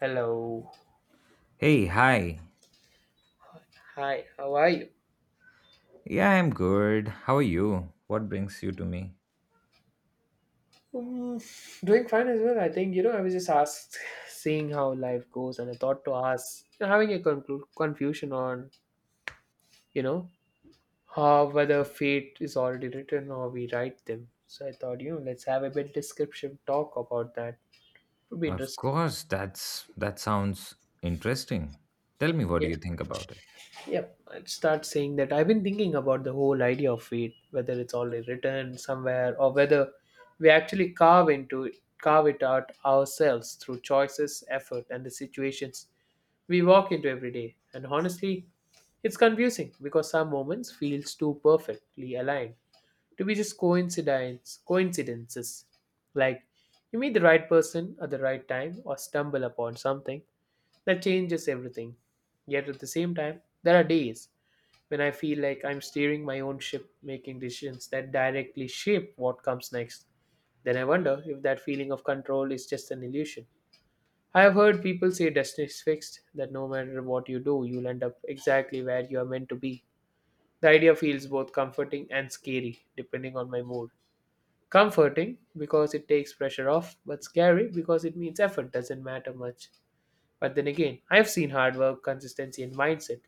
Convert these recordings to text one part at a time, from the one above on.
Hello. Hey, hi. Hi, how are you? Yeah, I'm good. How are you? What brings you to me? Um, Doing fine as well. I think you know. I was just asked, seeing how life goes, and I thought to ask, having a confusion on you know how whether fate is already written or we write them. So I thought let's have a bit description talk about that. Would be Of interesting. course, that sounds interesting. Tell me, what do you think about it? Yep, I'd start saying that I've been thinking about the whole idea of fate, whether it's already written somewhere or whether we actually carve into it, carve it out ourselves through choices, effort, and the situations we walk into every day. And honestly, it's confusing because some moments feels too perfectly aligned to be just coincidences. Like you meet the right person at the right time or stumble upon something that changes everything. Yet at the same time, there are days when I feel like I'm steering my own ship, making decisions that directly shape what comes next. Then I wonder if that feeling of control is just an illusion. I have heard people say destiny is fixed, that no matter what you do, you'll end up exactly where you are meant to be. The idea feels both comforting and scary, depending on my mood. Comforting because it takes pressure off, but scary because it means effort doesn't matter much. But then again, I've seen hard work, consistency, and mindset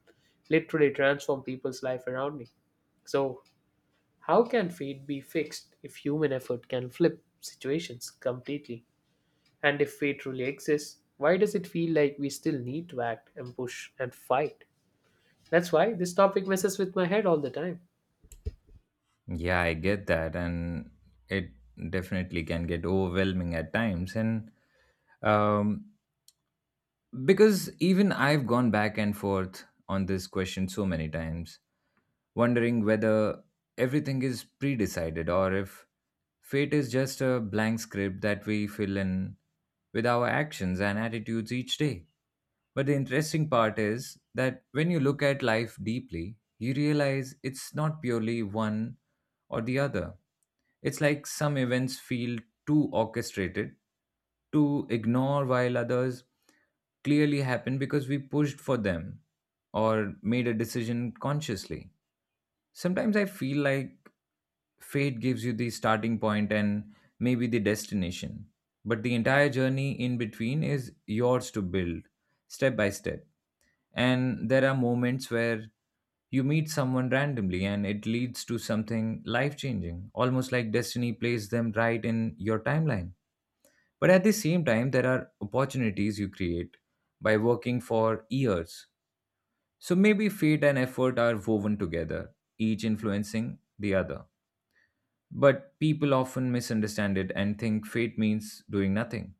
literally transform people's life around me. So, how can fate be fixed if human effort can flip situations completely? And if fate really exists, why does it feel like we still need to act and push and fight? That's why this topic messes with my head all the time. Yeah, I get that, and it definitely can get overwhelming at times, and um because even I've gone back and forth on this question so many times, wondering whether everything is predecided or if fate is just a blank script that we fill in with our actions and attitudes each day. But the interesting part is that when you look at life deeply, you realize it's not purely one or the other. It's like some events feel too orchestrated to ignore, while others clearly happen because we pushed for them or made a decision consciously. Sometimes I feel like fate gives you the starting point and maybe the destination, but the entire journey in between is yours to build step by step. And there are moments where you meet someone randomly and it leads to something life changing, almost like destiny plays them right in your timeline. But at the same time, there are opportunities you create by working for years. So maybe fate and effort are woven together, each influencing the other. But people often misunderstand it and think fate means doing nothing.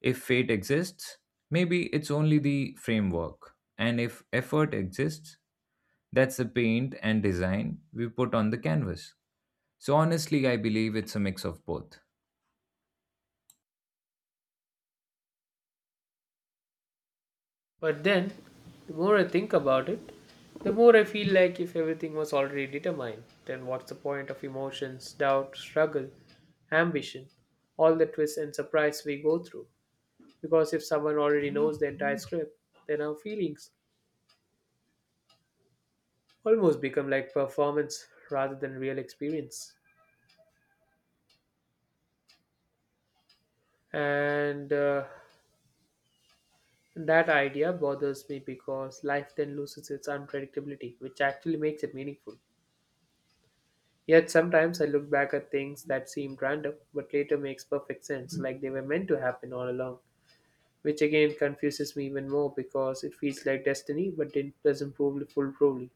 If fate exists, maybe it's only the framework. And if effort exists, that's the paint and design we put on the canvas. So honestly, I believe it's a mix of both. But then, the more I think about it, the more I feel like if everything was already determined, then what's the point of emotions, doubt, struggle, ambition, all the twists and surprise we go through? Because if someone already knows the entire script, then our feelings almost become like performance rather than real experience. And That idea bothers me because life then loses its unpredictability, which actually makes it meaningful. Yet sometimes I look back at things that seemed random, but later makes perfect sense, like they were meant to happen all along. Which again confuses me even more because it feels like destiny, but it doesn't prove foolproofly.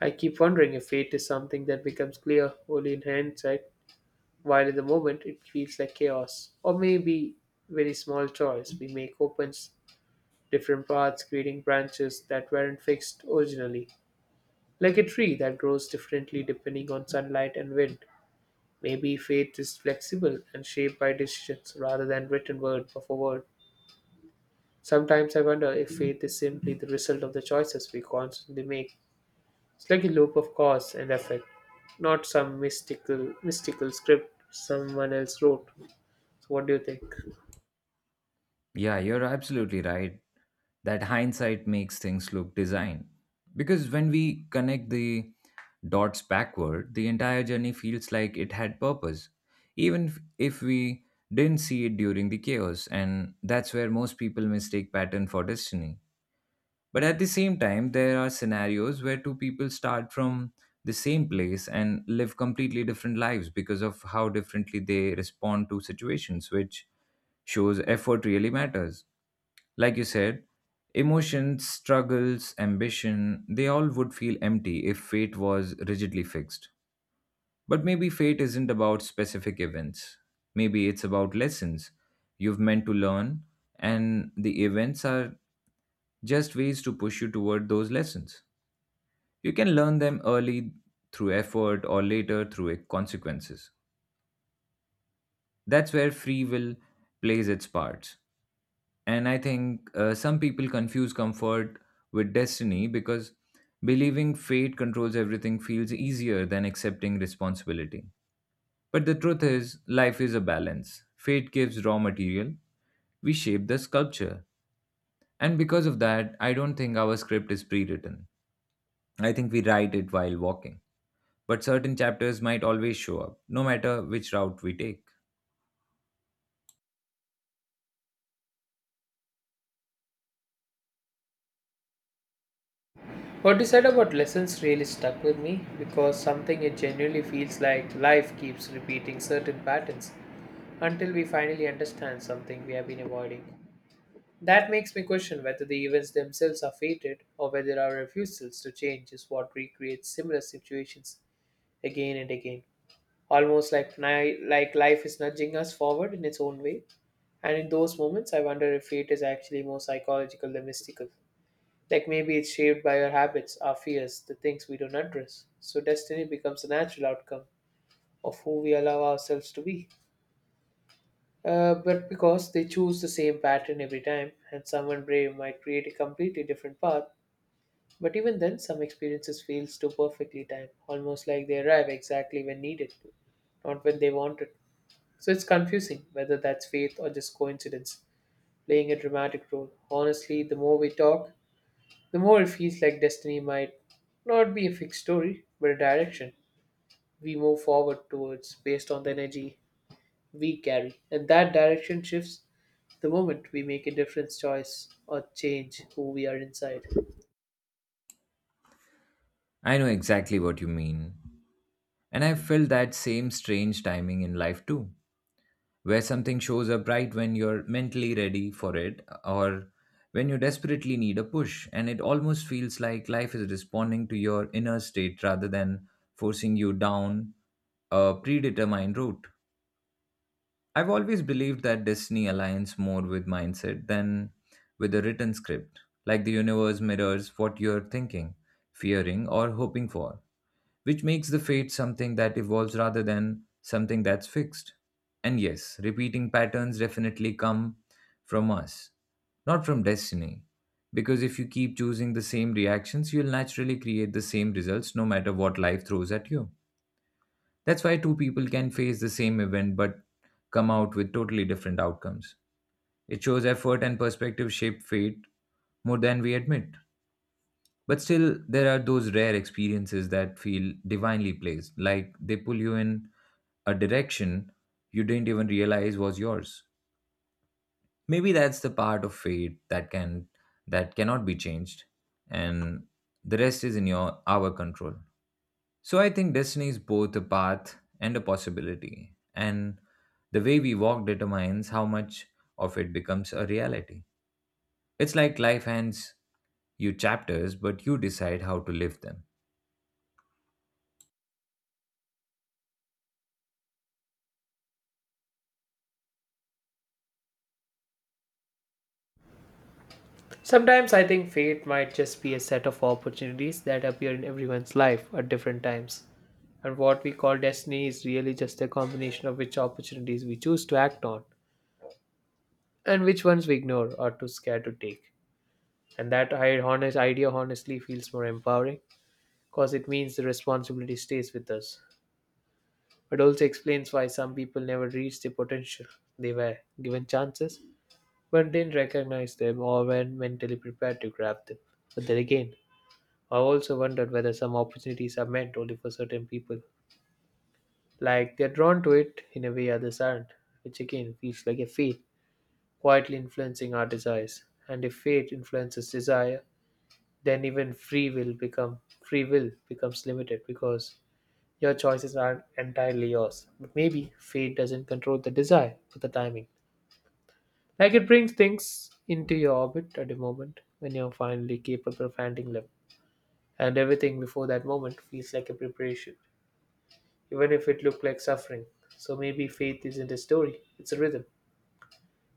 I keep wondering if fate is something that becomes clear only in hindsight, while in the moment it feels like chaos. Or maybe very small choice we make opens different paths, creating branches that weren't fixed originally. Like a tree that grows differently depending on sunlight and wind. Maybe faith is flexible and shaped by decisions rather than written word for word. Sometimes I wonder if faith is simply the result of the choices we constantly make. It's like a loop of cause and effect, not some mystical script someone else wrote. So what do you think? Yeah, you're absolutely right. That hindsight makes things look design. Because when we connect the dots backward, the entire journey feels like it had purpose, even if we didn't see it during the chaos. And that's where most people mistake pattern for destiny. But at the same time, there are scenarios where two people start from the same place and live completely different lives because of how differently they respond to situations, which shows effort really matters. Like you said, emotions, struggles, ambition, they all would feel empty if fate was rigidly fixed. But maybe fate isn't about specific events. Maybe it's about lessons you've meant to learn, and the events are just ways to push you toward those lessons. You can learn them early through effort or later through consequences. That's where free will plays its parts. And I think some people confuse comfort with destiny because believing fate controls everything feels easier than accepting responsibility. But the truth is, life is a balance. Fate gives raw material, we shape the sculpture. And because of that, I don't think our script is pre written. I think we write it while walking, but certain chapters might always show up, no matter which route we take. What you said about lessons really stuck with me because something it genuinely feels like life keeps repeating certain patterns until we finally understand something we have been avoiding. That makes me question whether the events themselves are fated or whether our refusals to change is what recreates similar situations again and again. Like life is nudging us forward in its own way. And in those moments, I wonder if fate is actually more psychological than mystical. Like maybe it's shaped by our habits, our fears, the things we don't address. So destiny becomes a natural outcome of who we allow ourselves to be. But because they choose the same pattern every time, and someone brave might create a completely different path. But even then, some experiences feels too perfectly timed, almost like they arrive exactly when needed, not when they want it. So it's confusing whether that's faith or just coincidence, playing a dramatic role. Honestly, the more we talk, the more it feels like destiny might not be a fixed story, but a direction we move forward towards based on the energy we carry. And that direction shifts the moment we make a difference choice or change who we are inside. I know exactly what you mean. And I have felt that same strange timing in life too, where something shows up right when you're mentally ready for it or when you desperately need a push, and it almost feels like life is responding to your inner state rather than forcing you down a predetermined route. I've always believed that destiny aligns more with mindset than with a written script, like the universe mirrors what you're thinking, fearing, or hoping for, which makes the fate something that evolves rather than something that's fixed. And yes, repeating patterns definitely come from us, not from destiny. Because if you keep choosing the same reactions, you'll naturally create the same results no matter what life throws at you. That's why two people can face the same event but come out with totally different outcomes. It shows effort and perspective shape fate more than we admit. But still, there are those rare experiences that feel divinely placed, like they pull you in a direction you didn't even realize was yours. Maybe that's the part of fate that cannot be changed, and the rest is in your our control. So I think destiny is both a path and a possibility, and the way we walk determines how much of it becomes a reality. It's like life hands you chapters, but you decide how to live them. Sometimes I think fate might just be a set of opportunities that appear in everyone's life at different times. And what we call destiny is really just a combination of which opportunities we choose to act on and which ones we ignore or too scared to take. And that I honest idea honestly feels more empowering because it means the responsibility stays with us. It also explains why some people never reach their potential. They were given chances but didn't recognize them or weren't mentally prepared to grab them. But then again, I also wondered whether some opportunities are meant only for certain people. Like they're drawn to it in a way others aren't, which again feels like a fate quietly influencing our desires. And if fate influences desire, then even free will become free will becomes limited because your choices aren't entirely yours. But maybe fate doesn't control the desire for the timing. Like it brings things into your orbit at a moment when you're finally capable of handling them. And everything before that moment feels like a preparation, even if it looked like suffering. So maybe faith isn't a story, it's a rhythm.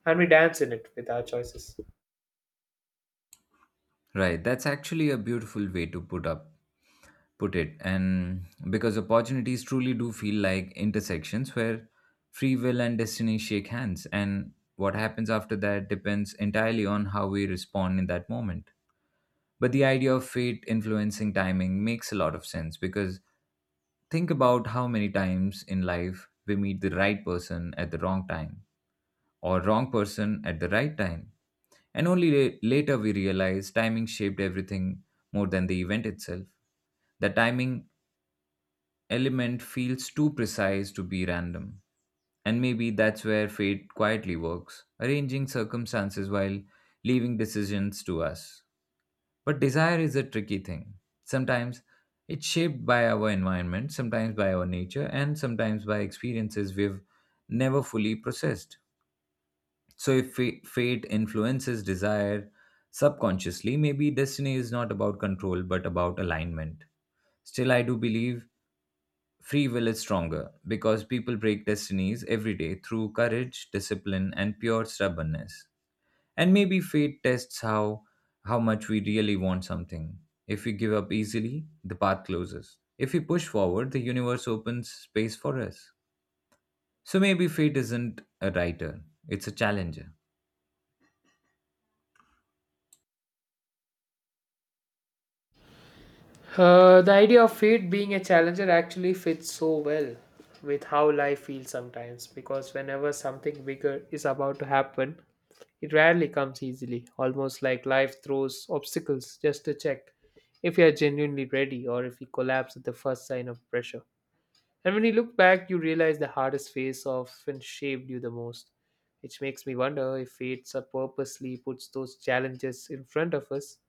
And we dance in it with our choices. Right, that's actually a beautiful way to put it, and because opportunities truly do feel like intersections where free will and destiny shake hands, and what happens after that depends entirely on how we respond in that moment. But the idea of fate influencing timing makes a lot of sense, because think about how many times in life we meet the right person at the wrong time or wrong person at the right time. And only later we realize timing shaped everything more than the event itself. The timing element feels too precise to be random. And maybe that's where fate quietly works, arranging circumstances while leaving decisions to us. But desire is a tricky thing. Sometimes it's shaped by our environment, sometimes by our nature, and sometimes by experiences we've never fully processed. So, if fate influences desire subconsciously, maybe destiny is not about control but about alignment. Still, I do believe free will is stronger because people break destinies every day through courage, discipline, and pure stubbornness. And maybe fate tests how much we really want something. If we give up easily, the path closes. If we push forward, the universe opens space for us. So maybe fate isn't a writer, it's a challenger. The idea of fate being a challenger actually fits so well with how life feels sometimes because whenever something bigger is about to happen, it rarely comes easily, almost like life throws obstacles just to check if you are genuinely ready or if you collapse at the first sign of pressure. And when you look back, you realize the hardest phase often shaped you the most, which makes me wonder if fate purposely puts those challenges in front of us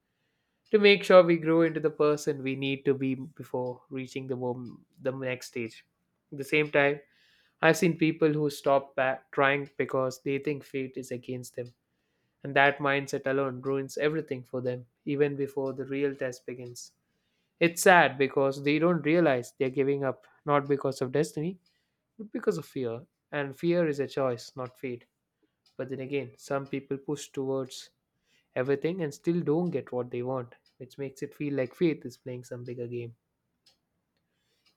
to make sure we grow into the person we need to be before reaching the next stage. At the same time, I've seen people who stop back trying because they think fate is against them, and that mindset alone ruins everything for them even before the real test begins. It's sad because they don't realize they're giving up not because of destiny, but because of fear. And fear is a choice, not fate. But then again, some people push towards everything and still don't get what they want, which makes it feel like faith is playing some bigger game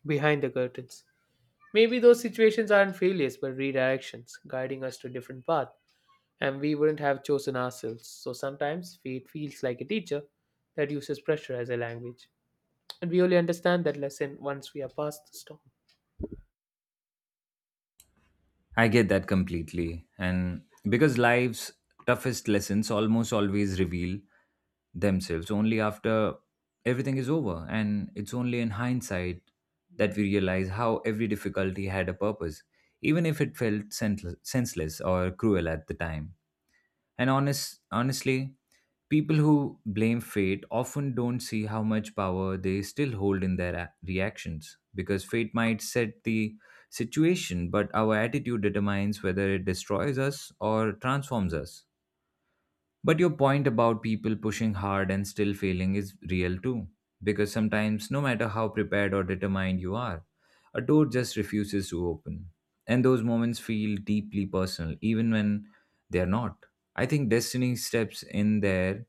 behind the curtains. Maybe those situations aren't failures but redirections, guiding us to a different path, and we wouldn't have chosen ourselves. So sometimes fate feels like a teacher that uses pressure as a language. And we only understand that lesson once we are past the storm. I get that completely. And because life's toughest lessons almost always reveal themselves only after everything is over. And it's only in hindsight that we realize how every difficulty had a purpose, even if it felt senseless or cruel at the time. And honestly, people who blame fate often don't see how much power they still hold in their reactions, because fate might set the situation, but our attitude determines whether it destroys us or transforms us. But your point about people pushing hard and still failing is real too. Because sometimes, no matter how prepared or determined you are, a door just refuses to open. And those moments feel deeply personal, even when they are not. I think destiny steps in there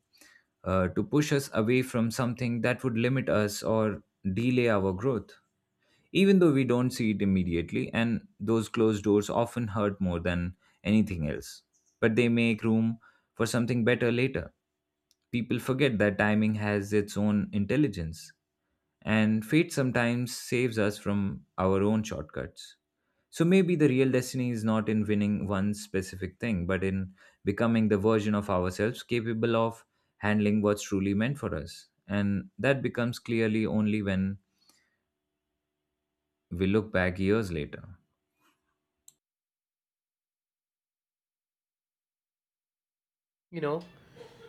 to push us away from something that would limit us or delay our growth, even though we don't see it immediately, and those closed doors often hurt more than anything else. But they make room for something better later. People forget that timing has its own intelligence, and fate sometimes saves us from our own shortcuts. So maybe the real destiny is not in winning one specific thing, but in becoming the version of ourselves capable of handling what's truly meant for us. And that becomes clearly only when we look back years later. You know,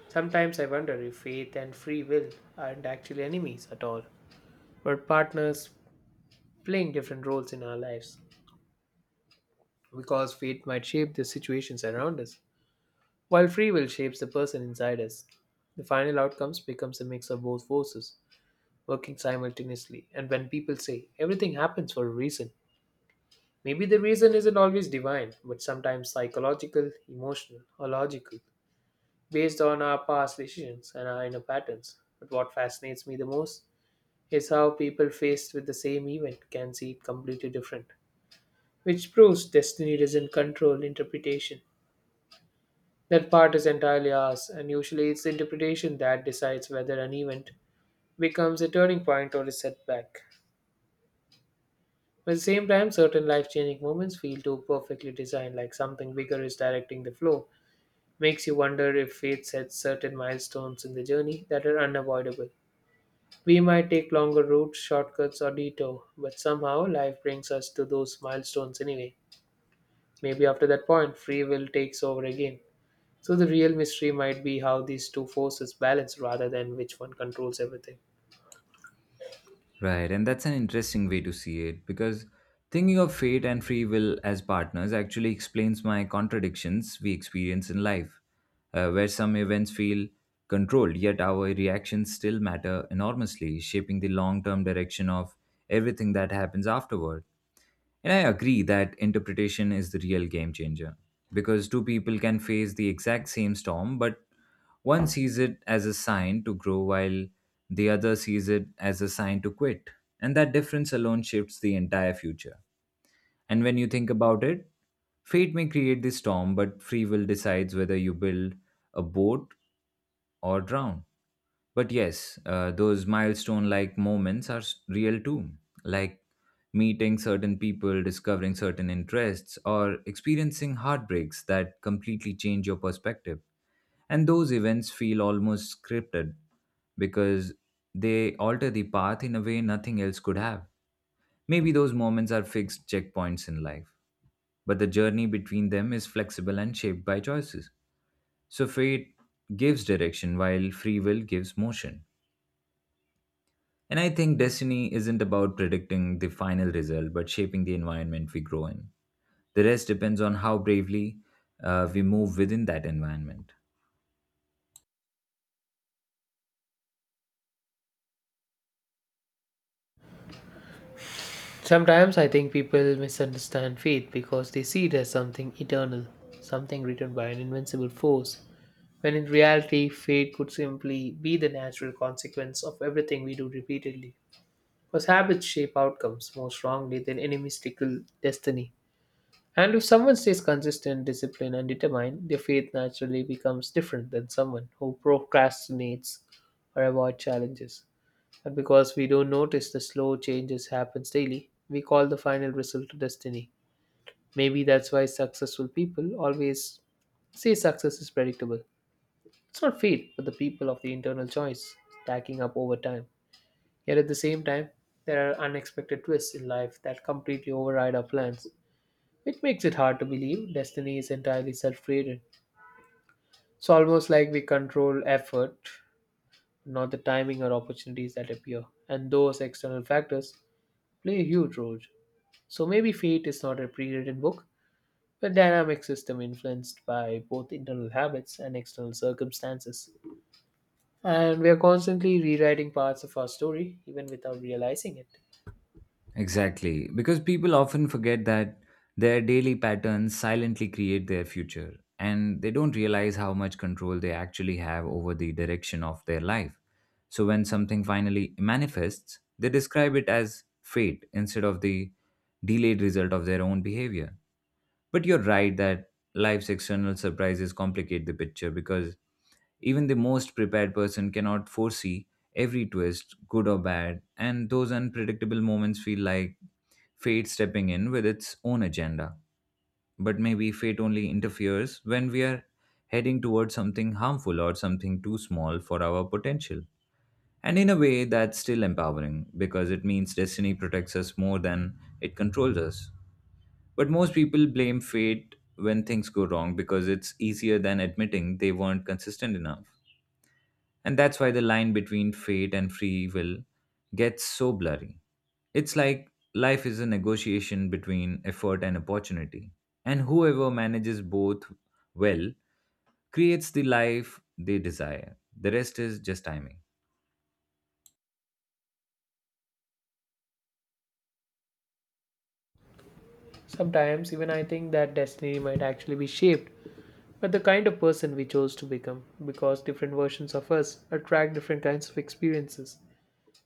sometimes I wonder if faith and free will aren't actually enemies at all, but partners playing different roles in our lives. Because fate might shape the situations around us, while free will shapes the person inside us. The final outcomes becomes a mix of both forces working simultaneously. And when people say everything happens for a reason, maybe the reason isn't always divine, but sometimes psychological, emotional, or logical, based on our past decisions and our inner patterns. But what fascinates me the most is how people faced with the same event can see it completely different, which proves destiny doesn't control interpretation. That part is entirely ours, and usually it's the interpretation that decides whether an event becomes a turning point or a setback. At the same time, certain life changing moments feel too perfectly designed, like something bigger is directing the flow. Makes you wonder if fate sets certain milestones in the journey that are unavoidable. We might take longer routes, shortcuts, or detour, but somehow life brings us to those milestones anyway. Maybe after that point, free will takes over again. So the real mystery might be how these two forces balance rather than which one controls everything. Right, and that's an interesting way to see it, because thinking of fate and free will as partners actually explains my contradictions we experience in life, where some events feel controlled, yet our reactions still matter enormously, shaping the long term direction of everything that happens afterward. And I agree that interpretation is the real game changer, because two people can face the exact same storm, but one sees it as a sign to grow, while the other sees it as a sign to quit. And that difference alone shifts the entire future. And when you think about it, fate may create the storm, but free will decides whether you build a boat or drown. But yes, those milestone like moments are real too, like meeting certain people, discovering certain interests, or experiencing heartbreaks that completely change your perspective. And those events feel almost scripted because they alter the path in a way nothing else could have. Maybe those moments are fixed checkpoints in life, but the journey between them is flexible and shaped by choices. So fate gives direction while free will gives motion. And I think destiny isn't about predicting the final result, but shaping the environment we grow in. The rest depends on how bravely we move within that environment. Sometimes I think people misunderstand fate because they see it as something eternal, something written by an invincible force, when in reality, fate could simply be the natural consequence of everything we do repeatedly. Because habits shape outcomes more strongly than any mystical destiny. And if someone stays consistent, disciplined, and determined, their faith naturally becomes different than someone who procrastinates or avoids challenges. And because we don't notice the slow changes happens daily, we call the final result destiny. Maybe that's why successful people always say success is predictable. It's not fate, but the people of the internal choice stacking up over time. Yet at the same time, there are unexpected twists in life that completely override our plans it makes it hard to believe destiny is entirely self created. It's almost like we control effort, not the timing or opportunities that appear, and those external factors play a huge role. So maybe fate is not a pre written book, but a dynamic system influenced by both internal habits and external circumstances. And we are constantly rewriting parts of our story, even without realizing it. Exactly, because people often forget that their daily patterns silently create their future, and they don't realize how much control they actually have over the direction of their life. So, when something finally manifests, they describe it as fate instead of the delayed result of their own behavior. But you're right that life's external surprises complicate the picture, because even the most prepared person cannot foresee every twist, good or bad, and those unpredictable moments feel like fate stepping in with its own agenda. But maybe fate only interferes when we are heading towards something harmful or something too small for our potential. And in a way, that's still empowering because it means destiny protects us more than it controls us. But most people blame fate when things go wrong because it's easier than admitting they weren't consistent enough. And that's why the line between fate and free will gets so blurry. It's like life is a negotiation between effort and opportunity. And whoever manages both well creates the life they desire. The rest is just timing. Sometimes, even I think that destiny might actually be shaped but the kind of person we chose to become, because different versions of us attract different kinds of experiences.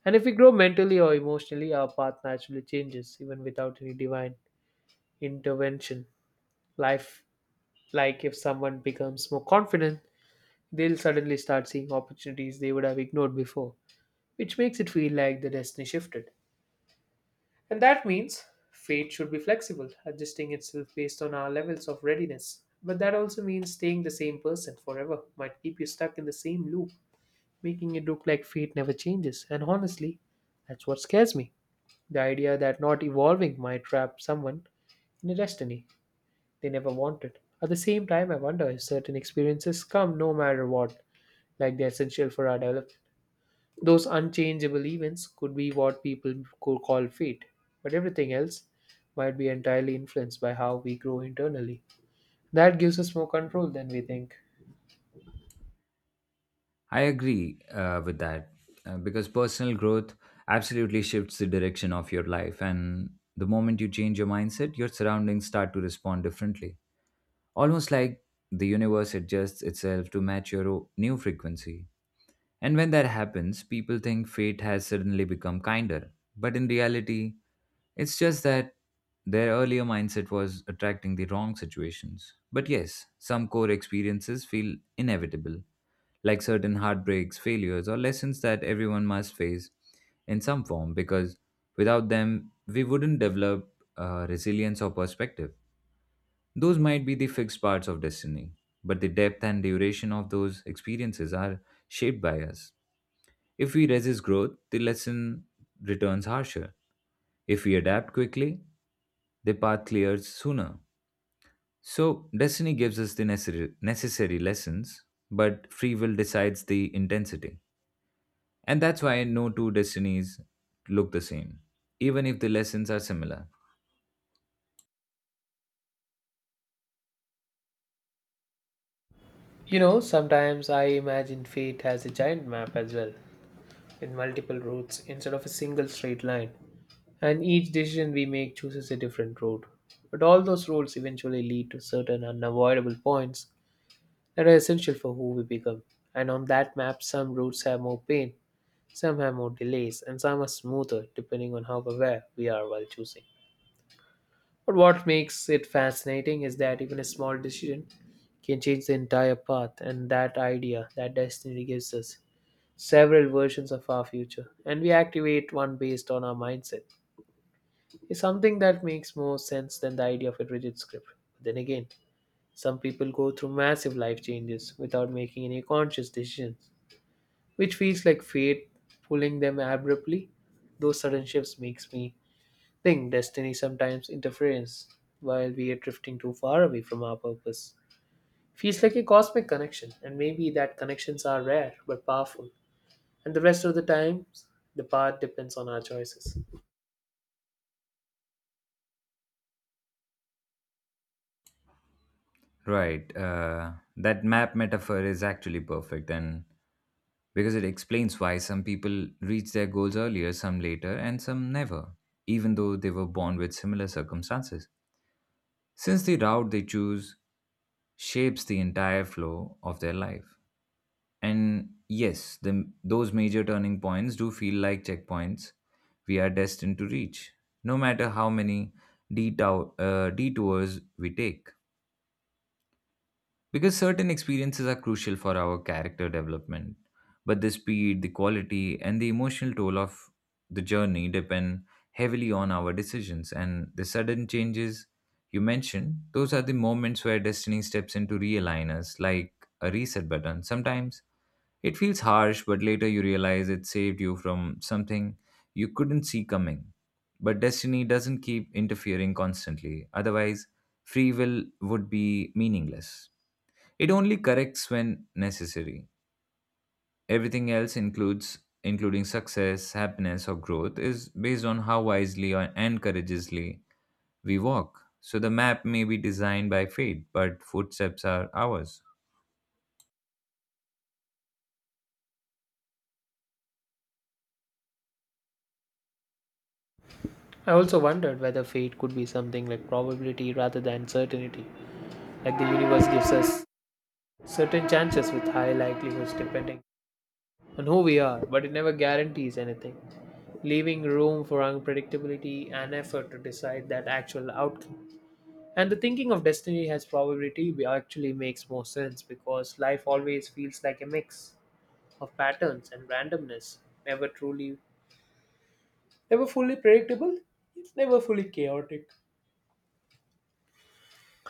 And if we grow mentally or emotionally, our path naturally changes even without any divine intervention. Life, like if someone becomes more confident, they'll suddenly start seeing opportunities they would have ignored before, which makes it feel like the destiny shifted. And that means fate should be flexible, adjusting itself based on our levels of readiness. But that also means staying the same person forever might keep you stuck in the same loop, making it look like fate never changes. And honestly, that's what scares me. The idea that not evolving might trap someone in a destiny they never wanted. At the same time, I wonder if certain experiences come no matter what, like they're essential for our development. Those unchangeable events could be what people could call fate, but everything else might be entirely influenced by how we grow internally. That gives us more control than we think. I agree with that because personal growth absolutely shifts the direction of your life. And the moment you change your mindset, your surroundings start to respond differently. Almost like the universe adjusts itself to match your new frequency. And when that happens, people think fate has suddenly become kinder. But in reality, it's just that their earlier mindset was attracting the wrong situations. But yes, some core experiences feel inevitable, like certain heartbreaks, failures, or lessons that everyone must face in some form, because without them, we wouldn't develop resilience or perspective. Those might be the fixed parts of destiny, but the depth and duration of those experiences are shaped by us. If we resist growth, the lesson returns harsher. If we adapt quickly, the path clears sooner. So, destiny gives us the necessary lessons, but free will decides the intensity. And that's why no two destinies look the same, even if the lessons are similar. You know, sometimes I imagine fate has a giant map as well, in multiple routes instead of a single straight line. And each decision we make chooses a different road. But all those roads eventually lead to certain unavoidable points that are essential for who we become. And on that map, some routes have more pain, some have more delays, and some are smoother depending on how aware we are while choosing. But what makes it fascinating is that even a small decision can change the entire path, and that idea that destiny gives us several versions of our future, and we activate one based on our mindset. It's something that makes more sense than the idea of a rigid script. Then again, some people go through massive life changes without making any conscious decisions, which feels like fate pulling them abruptly. Those sudden shifts makes me think destiny sometimes interferes while we are drifting too far away from our purpose. Feels like a cosmic connection, and maybe that connections are rare but powerful. And the rest of the times, the path depends on our choices. Right. That map metaphor is actually perfect. And because it explains why some people reach their goals earlier, some later, and some never, even though they were born with similar circumstances. Since the route they choose shapes the entire flow of their life. And yes, those major turning points do feel like checkpoints we are destined to reach, no matter how many detours we take. Because certain experiences are crucial for our character development, but the speed, the quality, and the emotional toll of the journey depend heavily on our decisions. And the sudden changes you mentioned, those are the moments where destiny steps in to realign us, like a reset button. Sometimes it feels harsh, but later you realize it saved you from something you couldn't see coming. But destiny doesn't keep interfering constantly, otherwise free will would be meaningless. It only corrects when necessary. Everything else, includes including success, happiness, or growth, is based on how wisely and courageously we walk. So the map may be designed by fate, but footsteps are ours. I also wondered whether fate could be something like probability rather than certainty, like the universe gives us certain chances with high likelihoods depending on who we are, but it never guarantees anything, leaving room for unpredictability and effort to decide that actual outcome. And the thinking of destiny as probability actually makes more sense because life always feels like a mix of patterns and randomness, never truly Never fully predictable, it's never fully chaotic.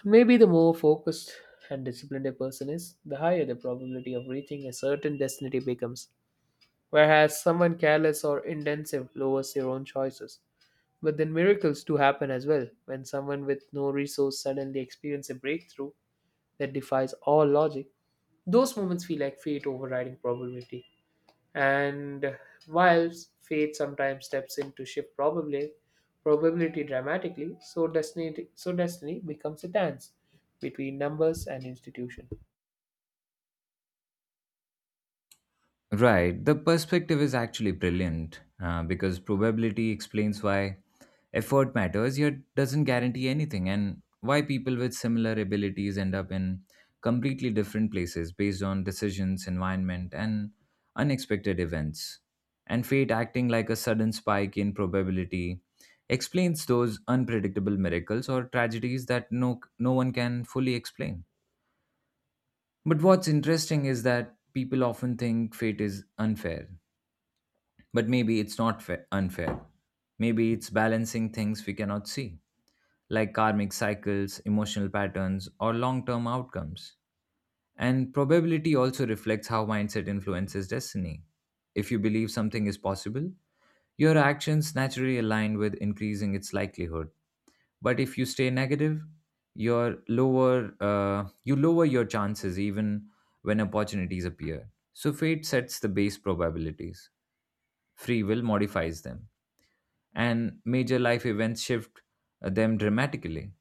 Maybe the more focused and disciplined a person is, the higher the probability of reaching a certain destiny becomes. Whereas someone careless or intensive lowers their own choices. But then miracles do happen as well. When someone with no resource suddenly experiences a breakthrough that defies all logic, those moments feel like fate overriding probability. And while fate sometimes steps in to shift probably probability dramatically, so destiny becomes a dance between numbers and institution. Right. The perspective is actually brilliant because probability explains why effort matters, yet doesn't guarantee anything, and why people with similar abilities end up in completely different places based on decisions, environment, and unexpected events. And fate acting like a sudden spike in probability explains those unpredictable miracles or tragedies that no one can fully explain. But what's interesting is that people often think fate is unfair, but maybe it's not fa- unfair. Maybe it's balancing things we cannot see, like karmic cycles, emotional patterns, or long term outcomes. And probability also reflects how mindset influences destiny. If you believe something is possible, your actions naturally align with increasing its likelihood. But if you stay negative, you lower your chances even when opportunities appear. So fate sets the base probabilities. Free will modifies them, and major life events shift them dramatically.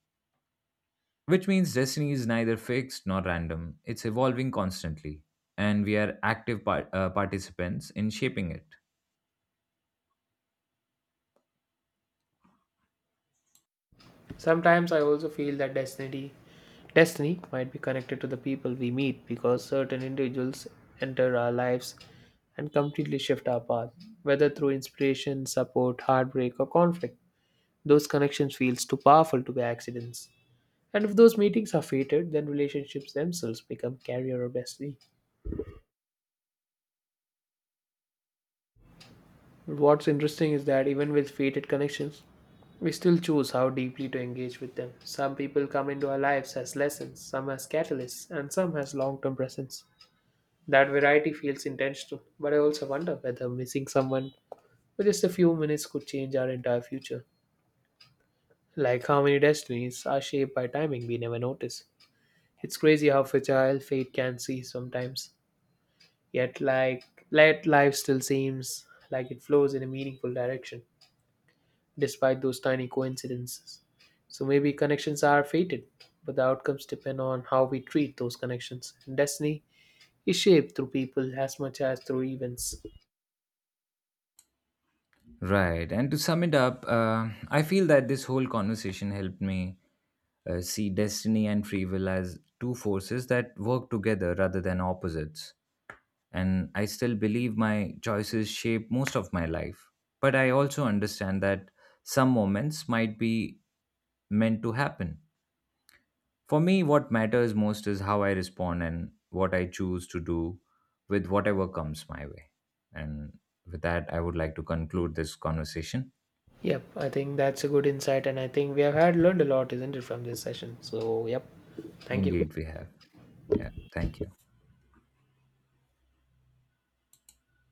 Which means destiny is neither fixed nor random, it's evolving constantly, and we are active participants in shaping it. Sometimes I also feel that destiny might be connected to the people we meet, because certain individuals enter our lives and completely shift our path, whether through inspiration, support, heartbreak or conflict. Those connections feels too powerful to be accidents. And if those meetings are fated, then relationships themselves become carrier or destiny. But what's interesting is that even with fated connections, we still choose how deeply to engage with them. Some people come into our lives as lessons, some as catalysts, and some as long term presence. That variety feels intentional, but I also wonder whether missing someone for just a few minutes could change our entire future. Like how many destinies are shaped by timing we never notice. It's crazy how fragile fate can see sometimes. Yet, like let life still seems like it flows in a meaningful direction, despite those tiny coincidences. So maybe connections are fated, but the outcomes depend on how we treat those connections. And destiny is shaped through people as much as through events. Right, and to sum it up, I feel that this whole conversation helped me see destiny and free will as two forces that work together rather than opposites. And I still believe my choices shape most of my life. But I also understand that some moments might be meant to happen. For me, what matters most is how I respond and what I choose to do with whatever comes my way. And with that, I would like to conclude this conversation. Yep, I think that's a good insight, and I think we have had learned a lot, isn't it, from this session? So, yep, thank you. Indeed, we have. Yeah, thank you.